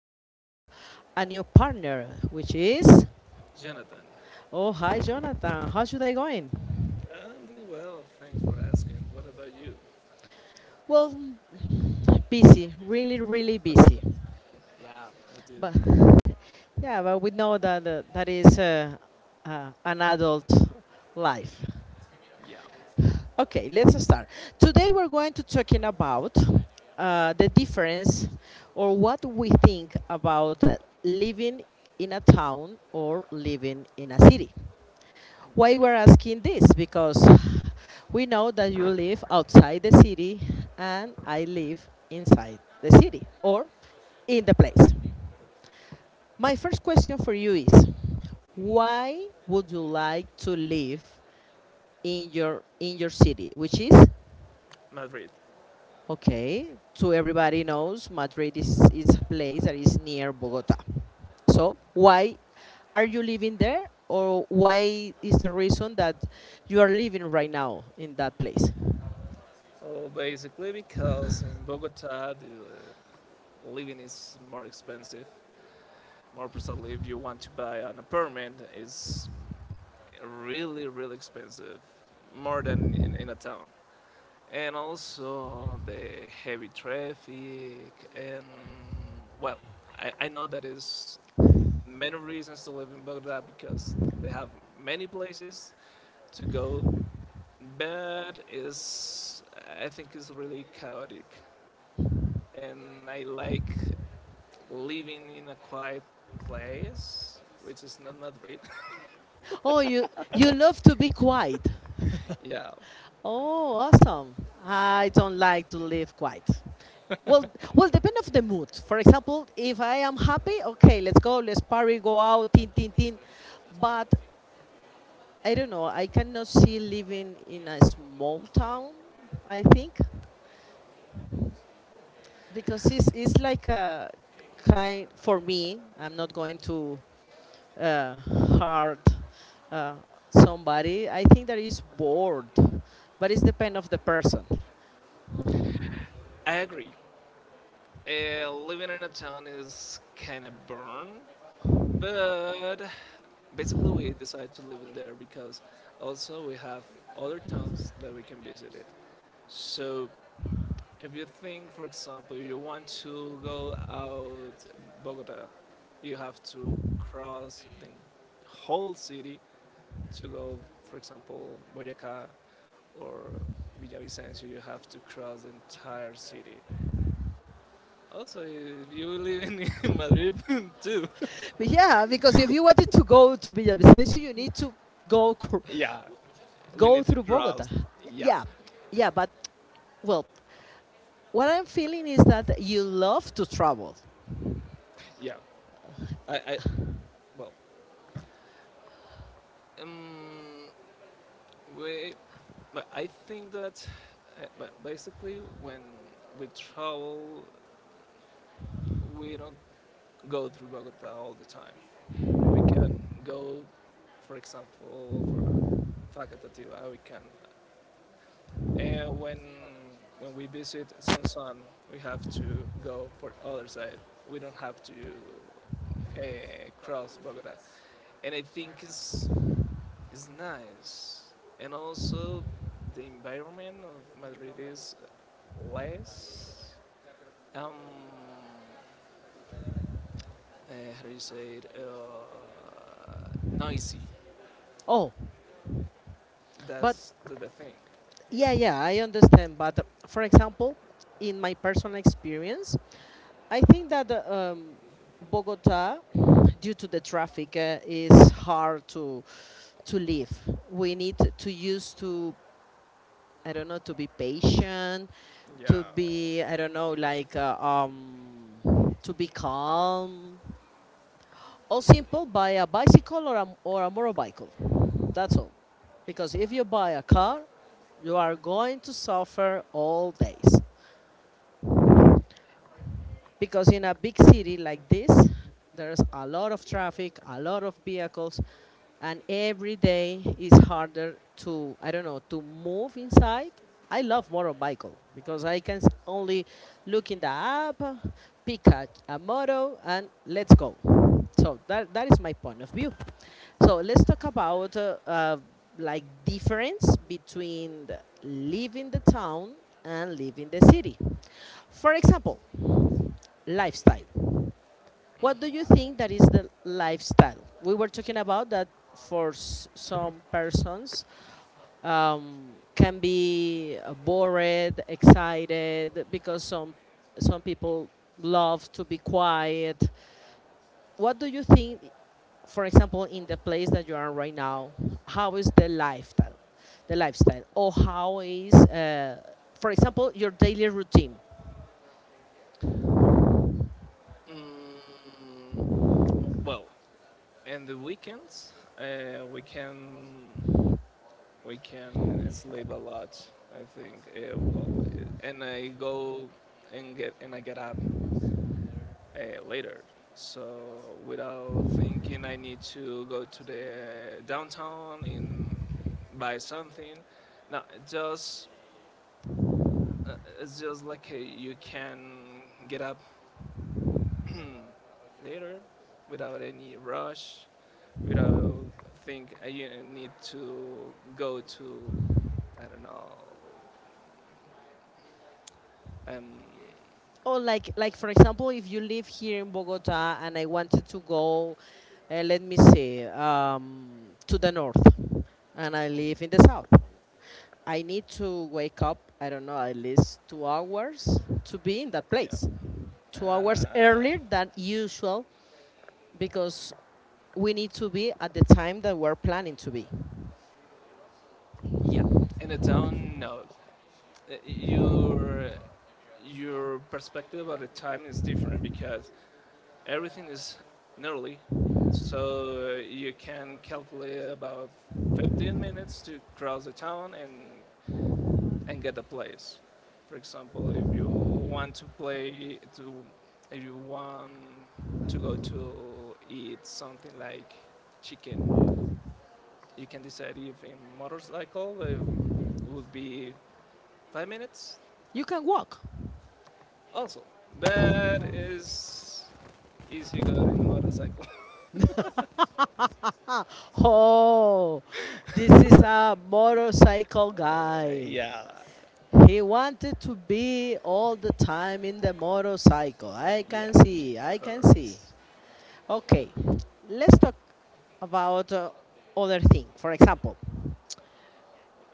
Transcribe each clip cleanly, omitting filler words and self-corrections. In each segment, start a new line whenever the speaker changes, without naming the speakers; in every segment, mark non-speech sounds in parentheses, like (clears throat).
have a new partner, which is.
Jonathan.
Oh, hi, Jonathan. How's your day going?
I'm doing well, thanks for asking. What about you?
Well, busy, really, really busy.
Yeah, I do.
But yeah, but we know that is an adult life.
Yeah,
Okay, let's start. Today we're going to talking about the difference or what we think about living in a town or living in a city. Why
okay.
we're asking this? Because we know that you live outside the city and I live inside the city or in the place. My first question for you is why would you like to live in your city, which is.
Madrid.
Okay, so everybody knows Madrid is a place that is near Bogota. So why are you living there, or why is the reason that you are living right now in that place?
Oh, basically because in Bogota the living is more expensive. More precisely, if you want to buy an apartment, it's really, really expensive, more than in a town. And also the heavy traffic, and well, I know that is many reasons to live in Baghdad because they have many places to go, but is I think it's really chaotic, and I like living in a quiet place, which is not Madrid.
Oh, you love to be quiet.
(laughs) Yeah,
Oh, awesome! I don't like to live quiet. Well, depend of the mood. For example, if I am happy, okay, let's go, let's party, go out, tin, tin, tin. But I don't know. I cannot see living in a small town. I think because it's like a kind for me. I'm not going to uh, hurt uh, somebody. I think that is bored, but it's depend of the person.
I agree. Living in a town is kind of burn, but basically we decided to live in there because also we have other towns that we can visit it. So if you think, for example, you want to go out Bogota, you have to cross the whole city to go, for example, Boyacá or Villavicencio. You have to cross the entire city. Also, if you live in Madrid (laughs) too.
But yeah, because if you wanted to go to Villavicencio, you need to go
Yeah, we
go
need to
through Bogota.
cross. Yeah,
Yeah, yeah. But well, what I'm feeling is that you love to travel.
yeah. I well, we, but I think that but basically when we travel we don't go through Bogota all the time. We can go, for example, for Facatativa. We can. Uh, when when we visit Sansan, we have to go for the other side. We don't have to uh, cross Bogota, and I think it's nice. And also, the environment of Madrid is less. Um, how do you say it, noisy.
Oh, but
That's the thing.
yeah, yeah, I understand. But for example, in my personal experience, I think that um, Bogota, due to the traffic, is hard to live. We need to use to, I don't know, to be patient,
Yeah.
to be, I don't know, like to be calm. All simple, buy a bicycle or a motorbike. That's all. Because if you buy a car, you are going to suffer all days because in a big city like this there's a lot of traffic, a lot of vehicles, and every day is harder to, I don't know, to move inside. I love motorcycle because I can only look in the app, pick a moto, and let's go. So that is my point of view. So let's talk about like difference between living the town and living the city, for example, lifestyle. What do you think that is the lifestyle? We were talking about that for some persons can be bored, excited because some people love to be quiet. What do you think, for example, in the place that you are right now? How is the lifestyle, or how is, for example, your daily routine?
Mm, well, in the weekends, uh, we can we can sleep a lot. I think. Well, and I go and get and I get up later. So without thinking, I need to go to the downtown and buy something. No, just it's just like you can get up (clears throat) later without any rush, without think I need to go to I don't know. Um,
Or like for example, if you live here in Bogota and I wanted to go, let me see, to the north, and I live in the south, I need to wake up. I don't know, at least 2 hours to be in that
yeah.
place, 2 hours
Uh,
earlier than usual because we need to be at the time that we're planning to be.
yeah. In a town, no. Uh, Your your perspective of the time is different because everything is nearly, so you can calculate about 15 minutes to cross the town and get the plays. For example, if you want to play to, if you want to go to eat something like chicken, you can decide if in motorcycle it would be 5 minutes.
You can walk.
Also, but is easy go in motorcycle. (laughs)
(laughs) Oh, this is a motorcycle guy.
Yeah,
He wanted to be all the time in the motorcycle. I can
yeah,
see, I can see.
hurts.
Okay, let's talk about other thing. For example,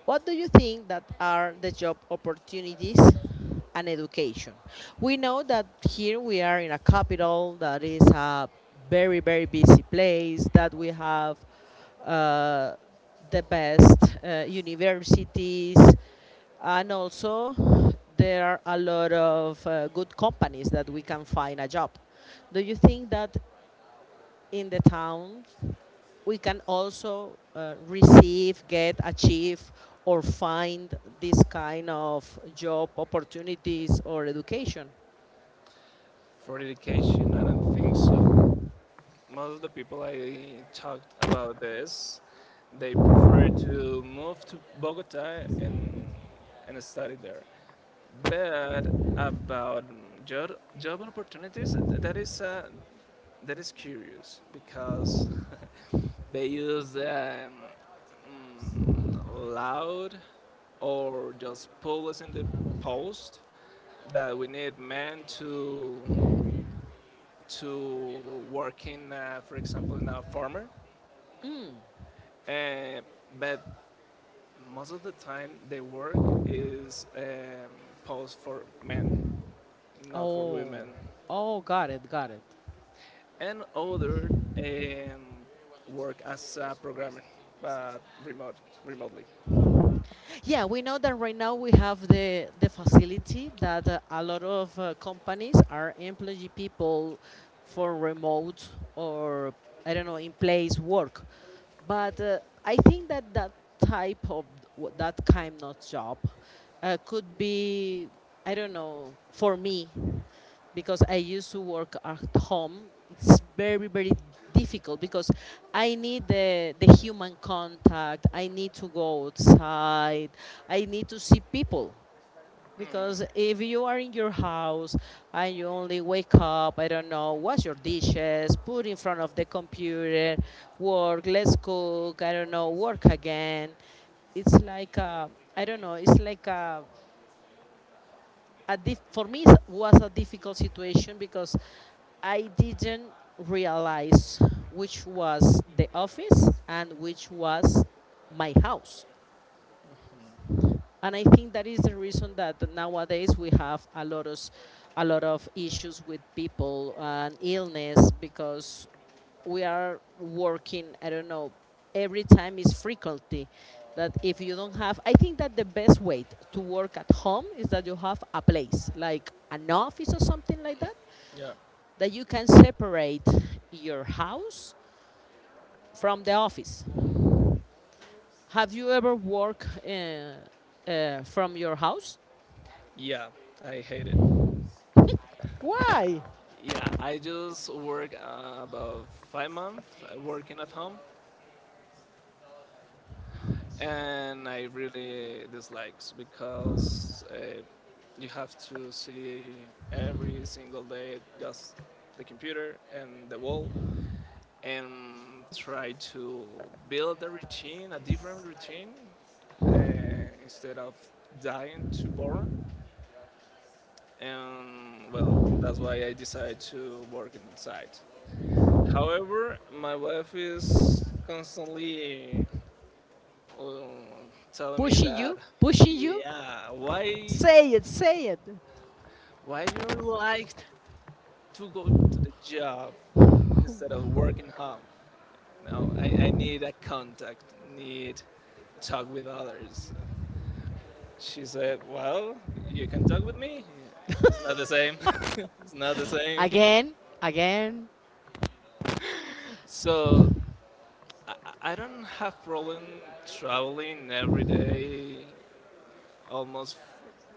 what do you think that are the job opportunities and education? We know that here we are in a capital that is a very very busy place that we have uh, the best universities, and also there are a lot of good companies that we can find a job. Do you think that in the towns, we can also receive, get, achieve, or find this kind of job opportunities or education.
For education, I don't think so. Most of the people I talked about this, they prefer to move to Bogota and study there. But about job job opportunities, that is curious because (laughs) they use mm, loud or just pull in the post that we need men to work in, for example, in a farmer.
Mm.
Uh, but most of the time, the work is posed for men, not for
Oh,
women.
oh, got it, got it.
And other um, work as a programmer, but remotely.
Yeah, we know that right now we have the facility that a lot of companies are employing people for remote or, I don't know, in place work, but I think that type of that kind of job could be, I don't know, for me because I used to work at home. It's very, very difficult because I need the human contact. I need to go outside. I need to see people. Because if you are in your house and you only wake up, I don't know, wash your dishes, put in front of the computer, work, let's cook, I don't know, work again. It's like, I don't know, it's like for me it was a difficult situation because I didn't realize which was the office and which was my house, and I think that is the reason that nowadays we have a lot of issues with people and illness because we are working, I don't know, every time is frequency. That if you don't have, I think that the best way to work at home is that you have a place, like an office or something like that,
Yeah,
that you can separate your house from the office. Have you ever worked from your house?
yeah, I hate it.
Why?
Yeah, I just work about 5 months working at home and I really dislikes because you have to see every single day just the computer and the wall and try to build a routine, a different routine uh, instead of dying to boredom. And well, that's why I decided to work inside. However, my wife is constantly um, telling me
Pushing
that
you, pushing you.
yeah,
Say it, say it.
why you like to go to the job instead of working home. No, I need a contact, need talk with others. She said, well, you can talk with me. Yeah, it's not the same. (laughs) It's not the same.
Again, again.
So i, I don't have problem traveling every day almost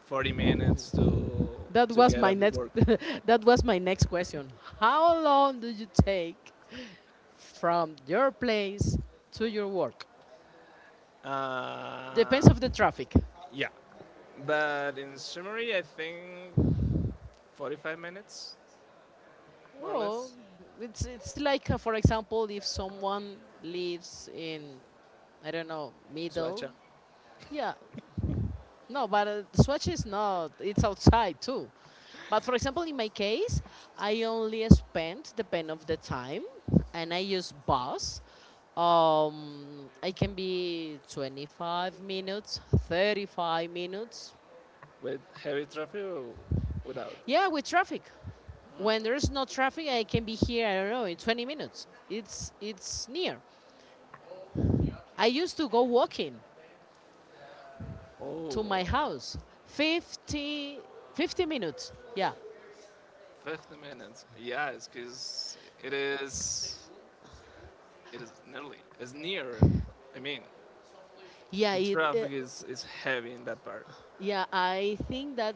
40 minutes to
That was
get
my
at
next
work.
(laughs) that was my next question. How long do you take from your place to your work?
Uh,
Depends of the traffic.
yeah, but in summary, I think 45 minutes, more or
Oh,
less.
it's like for example, if someone lives in, I don't know, middle.
Suacha,
Yeah, no, but Swatch is not. It's outside too. But for example, in my case, I only spend the pen of the time, and I use bus. I can be 25 minutes, 35 minutes.
with heavy traffic or without?
Yeah, with traffic. When there's no traffic, I can be here. I don't know in 20 minutes. It's near. I used to go walking
Oh,
to my house. 50 50 minutes. Yeah,
50 minutes. Yeah, because it is, it is nearly, it's near. I mean,
yeah.
the traffic is heavy in that part.
Yeah, I think that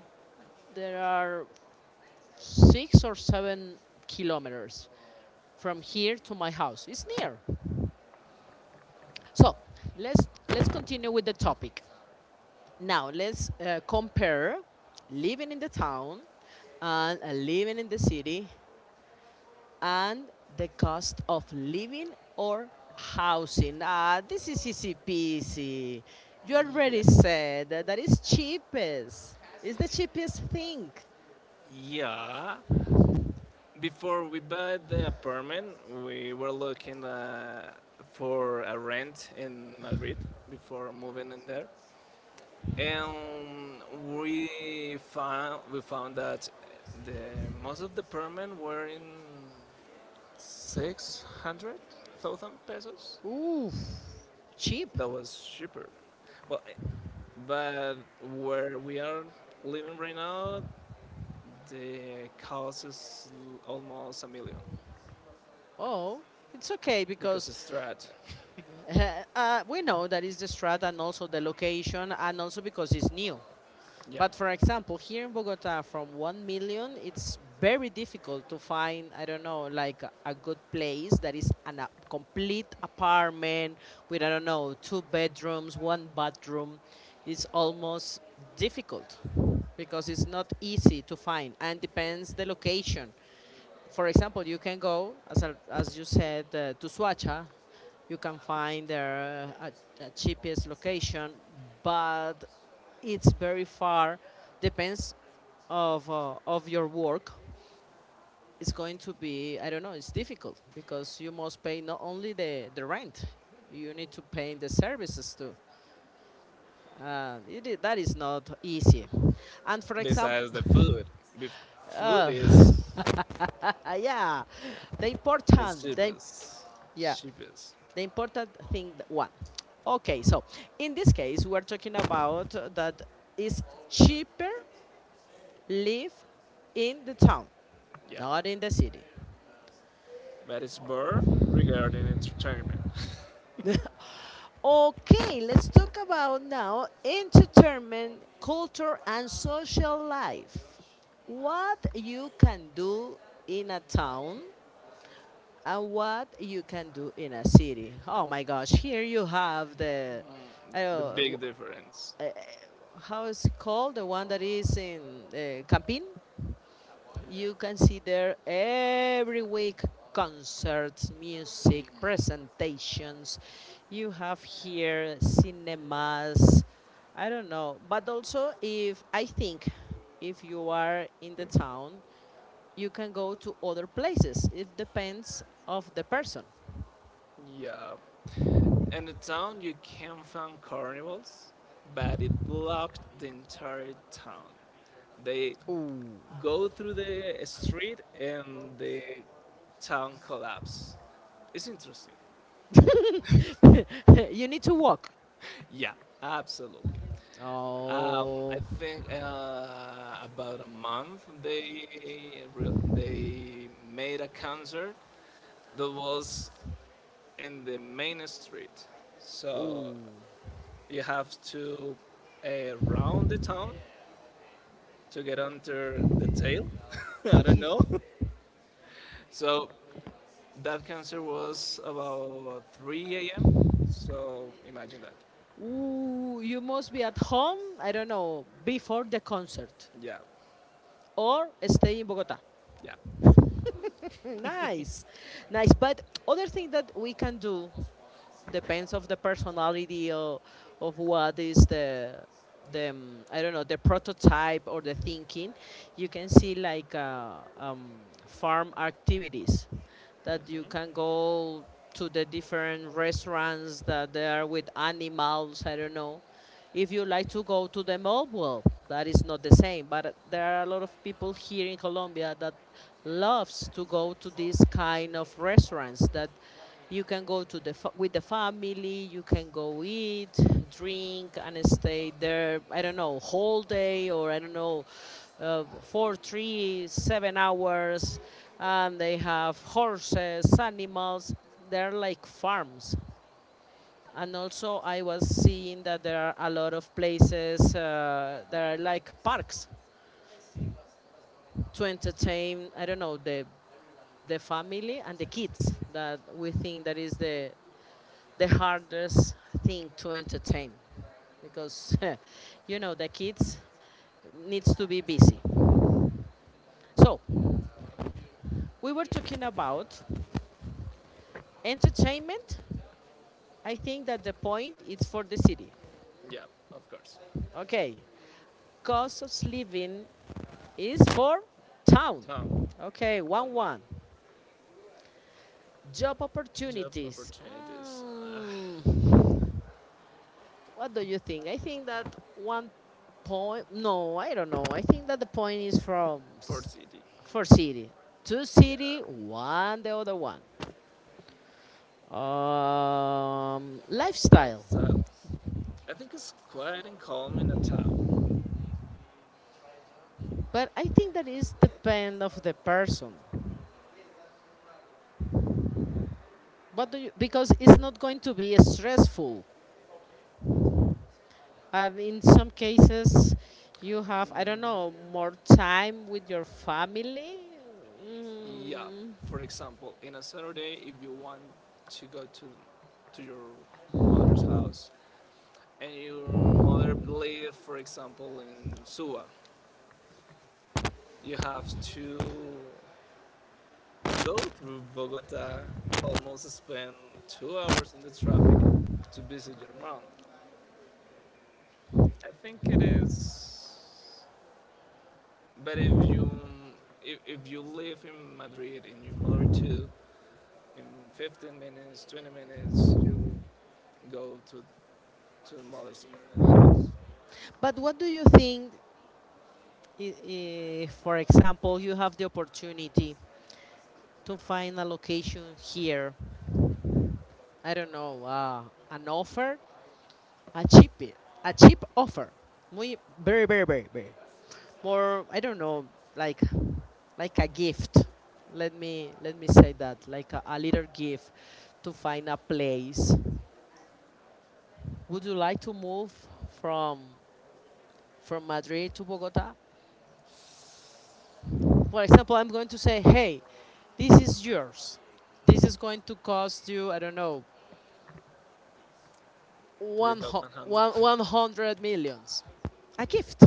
there are 6 or 7 kilometers from here to my house. It's near. So let's continue with the topic. Now let's compare living in the town and living in the city and the cost of living or housing. Ah, this is easy peasy. You
Yeah.
already said that is cheapest. It's the cheapest thing.
Yeah, before we bought the apartment, we were looking for a rent in Madrid before moving in there, and we we found that the most of the apartment were in 600,000 pesos.
Ooh, cheap.
That was cheaper. Well, but where we are living right now, the cost is almost a million
Oh, it's okay
because
because
it's strat.
(laughs) we know that is the strat and also the location and also because it's new.
Yeah.
But for example, here in Bogota, from 1 million, it's very difficult to find, I don't know, like a good place that is a complete apartment with, I don't know, two bedrooms, one bathroom. It's almost difficult because it's not easy to find, and depends the location. For example, you can go, as you said, to Suacha. You can find their a cheapest location, but it's very far. Depends of your work. It's going to be, I don't know, it's difficult because you must pay not only the rent, you need to pay the services too. That is not easy. And for example,
Besides
(laughs)
the food, Bef food
Oh, (laughs) yeah. The
is
important, the,
cheapest,
yeah,
cheapest.
the important thing one. Okay, so in this case, we're talking about that it's cheaper live in the town,
Yeah,
not in the city.
but it's more regarding entertainment.
(laughs) Okay, let's talk about now entertainment, culture, and social life. What you can do in a town and what you can do in a city. Oh my gosh, here you have the, I
The
don't know,
big difference.
uh, how is it called? The one that is in Campín. You can see there every week concerts, music, presentations. You have here cinemas. I don't know, but also if I think if you are in the town, you can go to other places. It depends of the person.
Yeah, in the town you can find carnivals, but it blocked the entire town. They
Ooh.
go through the street and the town collapse. It's interesting.
(laughs) You need to walk.
Yeah, absolutely. I
Oh.
think about a month they they made a concert that was in the main street. So
Ooh.
you have to round the town to get under the tail. (laughs) I don't know. (laughs) So that concert was about 3 a.m. So imagine that.
Ooh. You must be at home, I don't know, before the concert
Yeah,
or stay in Bogota.
yeah,
Mm, nice. Nice. But other thing that we can do depends of the personality of what is the I don't know, the prototype or the thinking. You can see like farm activities that you
mhm,
can go to the different restaurants that they are with animals. I don't know if you like to go to the mall, well, that is not the same. But there are a lot of people here in Colombia that loves to go to these kind of restaurants that you can go to the with the family. You can go eat, drink, and stay there. I don't know, whole day or I don't know, four, three, 7 hours. And they have horses, animals. They're like farms, and also, I was seeing that there are a lot of places that are like parks to entertain. I don't know, the family and the kids that we think that is the hardest thing to entertain because (laughs) you know the kids needs to be busy. So we were talking about entertainment. I think that the point is for the city.
yeah. Of course.
Okay, cost of living is for town.
Town.
Okay,
All
1
right.
1. Job
Job
opportunities.
opportunities.
Mm. What do you think? I think that one point. No, I don't know. I think that the point is from
For city.
for city. Two
Yeah,
city, one the other one. Lifestyle.
it's, I think it's quiet and calm in a town.
But I think that is depend of the person. What do you, because it's not going to be stressful. And in some cases, you have, I don't know, more time with your family.
Yeah,
Mm.
for example, in a Saturday, if you want to go to your mother's house and your mother live, for example, in Suwa, you have to go through Bogota, almost spend 2 hours in the traffic to visit your mom. I think it is. But if you if you live in Madrid and you mother to in 15 minutes, 20 minutes, you go to the mother's house.
But what do you think, i- for example, you have the opportunity to find a location here? I don't know, an offer, a cheap offer, muy, very, very, very, very, more. I don't know, like, like a gift. Let me say that, like a little gift to find a place. Would you like to move from from Madrid to Bogota? For example, I'm going to say, hey, this is yours. This is going to cost you, I don't know,
3,100.
100 millions. A gift.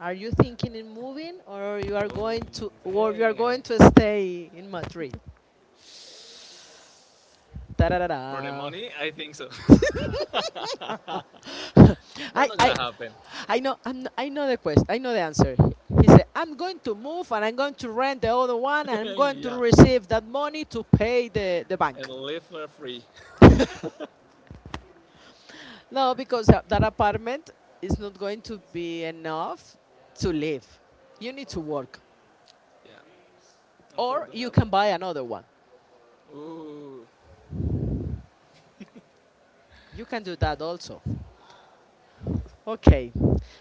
Are you thinking in moving, or you are
Oh
going to or you are
man.
going to stay in Madrid? Da da da da.
For the money, I think so. (laughs) That's
(laughs) I,
not
I,
gonna happen.
I know the question. I know the answer. He said, "I'm going to move, and I'm going to rent the other one, and
(laughs)
I'm going to
Yeah.
receive that money to pay the bank."
And live for free.
No, because that, apartment is not going to be enough to live. You need to work,
Yeah.
or you
Unfortunately.
can buy another one.
Ooh.
You can do that also. Okay,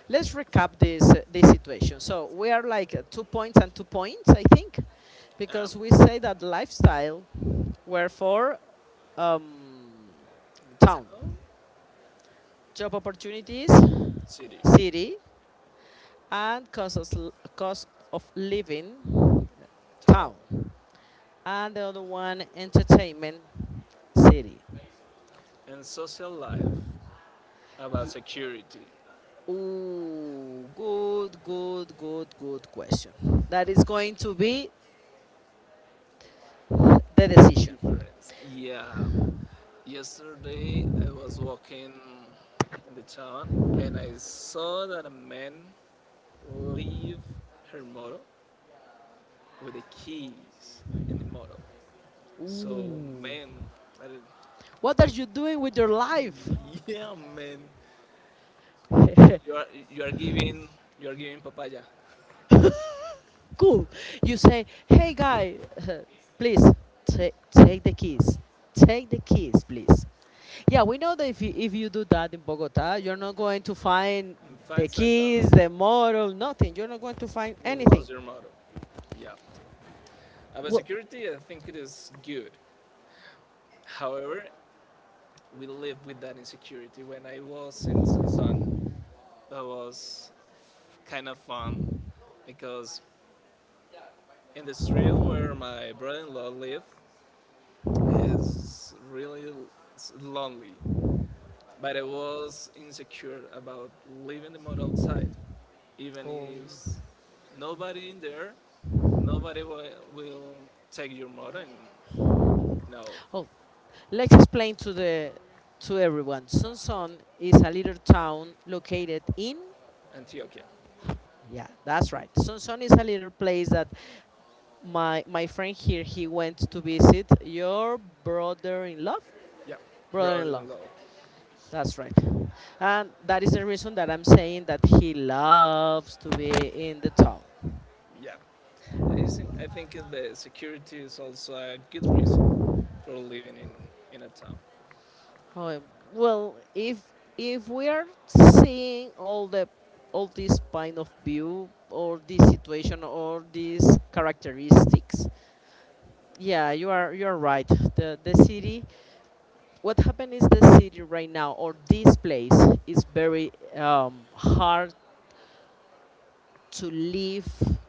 let's recap this situation. So we are like two points and two points, I think,
Um,
because we say that lifestyle were for um, town.
town,
Job opportunities,
city,
city, and cost of living,
town,
town. And the other one, entertainment, city.
and social life about security.
Ooh, good, good, good, good question. That is going to be the
The
decision.
difference. Yeah. Yesterday I was walking in the town and I saw that a man leave her motor with the keys in the motor. So
Ooh.
man, I did,
What are you doing with your life?
(laughs) yeah man, you
(laughs)
are you are giving you are giving papaya.
Cool. You say, hey guy, (laughs) please take the keys. Take the keys, please. Yeah, we know that if you do that in Bogota, you're not going to find
In
the
five
keys,
seconds
the model, nothing. You're not going to find
you
anything.
lost your motor. Yeah. About
Well.
security, I think it is good. However, we live with that insecurity. When I was in Sansan, that was kind of fun because in the street where my brother-in-law lived is really lonely. But I was insecure about leaving the mud outside, even
Oh.
if nobody in there, nobody will take your mud. And no,
Oh, let's explain to the to everyone. Sonson is a little town located in.
Antioquia,
Yeah, that's right. Sonson is a little place that my friend here he went to visit your brother-in-law.
yeah,
brother-in-law.
brother-in-law.
That's right. And that is the reason that I'm saying that he loves to be in the town.
Yeah. I think the security is also a good reason for living in a town.
Oh, well, if we are seeing all this point of view or this situation or these characteristics, yeah, you are right. The city. What happened is the city right now or this place is very hard to live,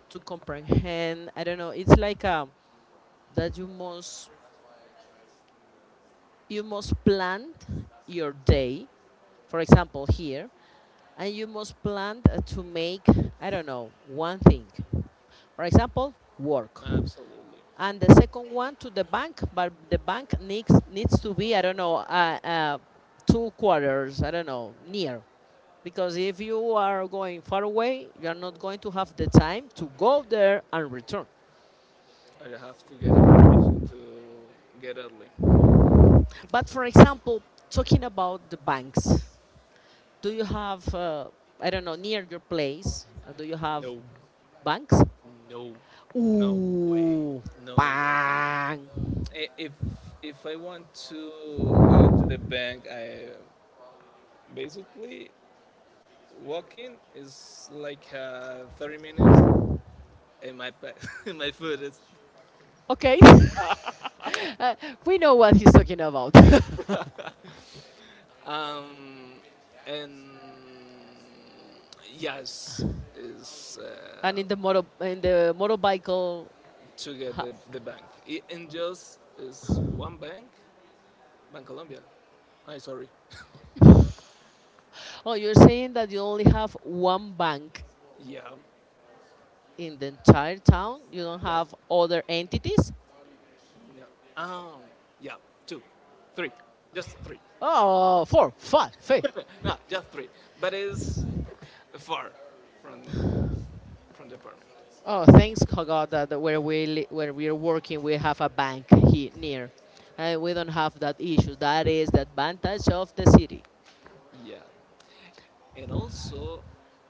to comprehend. I don't know. It's like a that you must plan your day, for example here, and you must plan to make, I don't know, one thing, for example work,
Absolutely.
and the second one to the bank, but the bank needs to be, I don't know, two quarters, I don't know, near, because if you are going far away you are not going to have the time to go there and return.
I have to get a permission to get early.
But for example, talking about the banks, do you have, I don't know, near your place, do you have
No,
banks?
no, no way,
Ooh,
no way.
bang.
If I want to go to the bank, I basically walking is like 30 minutes, and my (laughs) my foot is
Okay, (laughs) uh, we know what he's talking about. (laughs)
um and yes is
And in the motor, in the motorcycle,
to get
ha-
the bank. In just is one bank, Bank Colombia. I sorry.
oh, you're saying that you only have one bank
Yeah,
in the entire town? You don't
yeah,
have other entities?
yeah. Um, yeah, two, three, just three. (laughs)
Oh, four, five, five.
No, just three. But it's far from the apartment.
Oh, thanks God, that where where we are working, we have a bank here near, and we don't have that issue. That is the advantage of the city.
Yeah, and also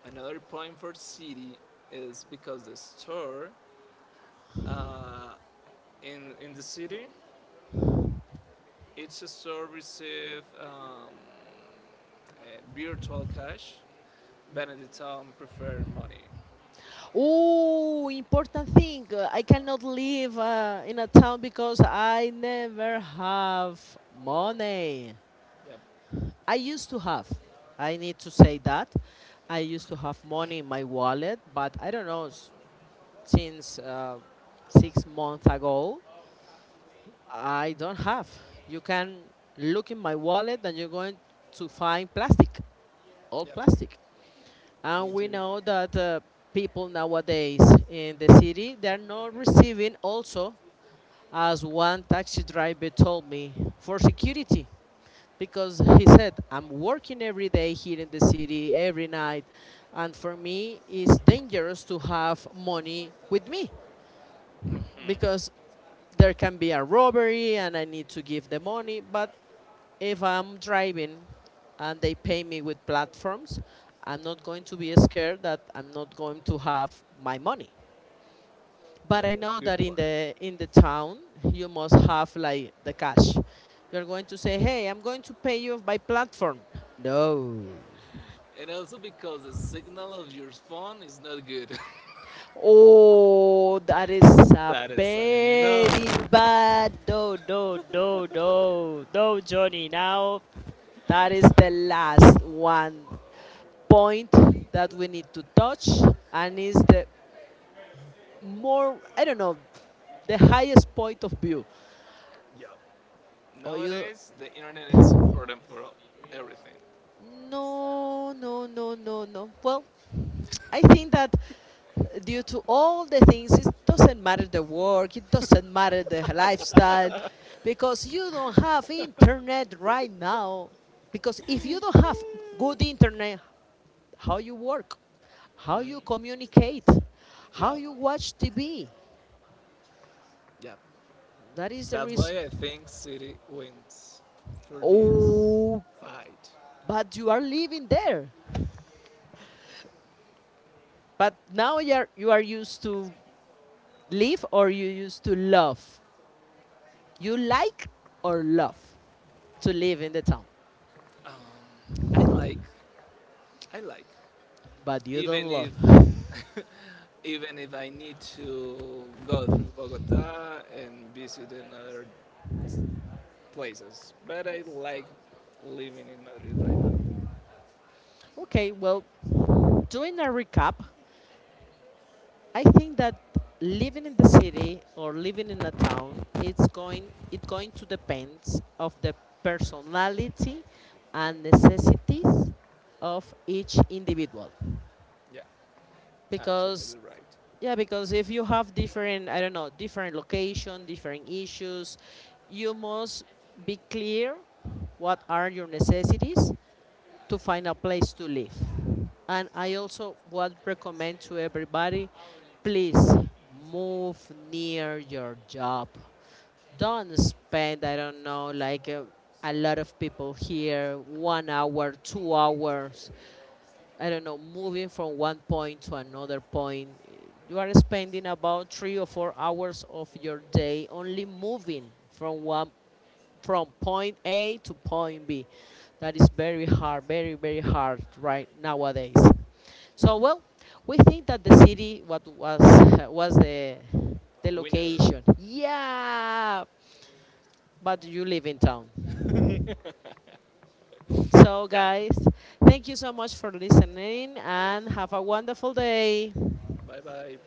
another point for city is because the store uh, in the city, each store receive a virtual cash, but in the town prefer money.
Oh, important thing! I cannot live in a town because I never have money.
Yep,
I used to have. I need to say that. I used to have money in my wallet, but I don't know, since 6 months ago. I don't have. You can look in my wallet and you're going to find plastic, all
yep.
plastic.
Me
And we
too.
know that people nowadays in the city, they're not receiving also, as one taxi driver told me, for security. Because he said, I'm working every day here in the city, every night. And for me, it's dangerous to have money with me because there can be a robbery and I need to give the money. But if I'm driving and they pay me with platforms, I'm not going to be scared that I'm not going to have my money. But I
That's a
know
good
that in
point.
the in the town you must have like the cash. You're going to say, "Hey, I'm going to pay you by platform." No.
And also because the signal of your phone is not good.
Oh, that is
(laughs)
a
That is
very
another.
bad. No, no, no, no, no, Johnny. Now that is the last one point that we need to touch, and is the more, I don't know, the highest point of view.
Yeah.
Or you,
Nowadays, the internet is important for everything.
no, no, no, no, no. Well, I think that due to all the things, it doesn't matter the work, it doesn't matter the lifestyle, because you don't have internet right now. Because if you don't have good internet, how you work, how you
Mhm.
communicate,
Yeah.
how you watch TV,
Yeah.
that is the
That's
reason.
why I think City wins for this
Oh,
fight.
but you are living there. But now you are used to live or you used to love. You like or love to live in the town,
Um, I like. I like.
but you don't
Even if.
love.
(laughs) Even if I need to go through Bogota and visit in other places. But I like living in Madrid right now.
Okay, well, doing a recap, I think that living in the city or living in a town, it's going to depend of the personality and necessities of each individual.
Yeah,
Because,
absolutely right.
yeah, because if you have different, I don't know, different location, different issues, you must be clear what are your necessities to find a place to live. And I also would recommend to everybody, please move near your job. Don't spend, I don't know, like a lot of people here, 1 hour 2 hours, I don't know, moving from one point to another point, you are spending about 3 or 4 hours of your day, only moving from one from point A to point B. That is very hard, very very hard right nowadays. So well, we think that the city, what was, (laughs) was the
Winner.
location. Yeah, but you live in town. So
Yeah.
guys, thank you so much for listening and have a wonderful day.
Bye bye.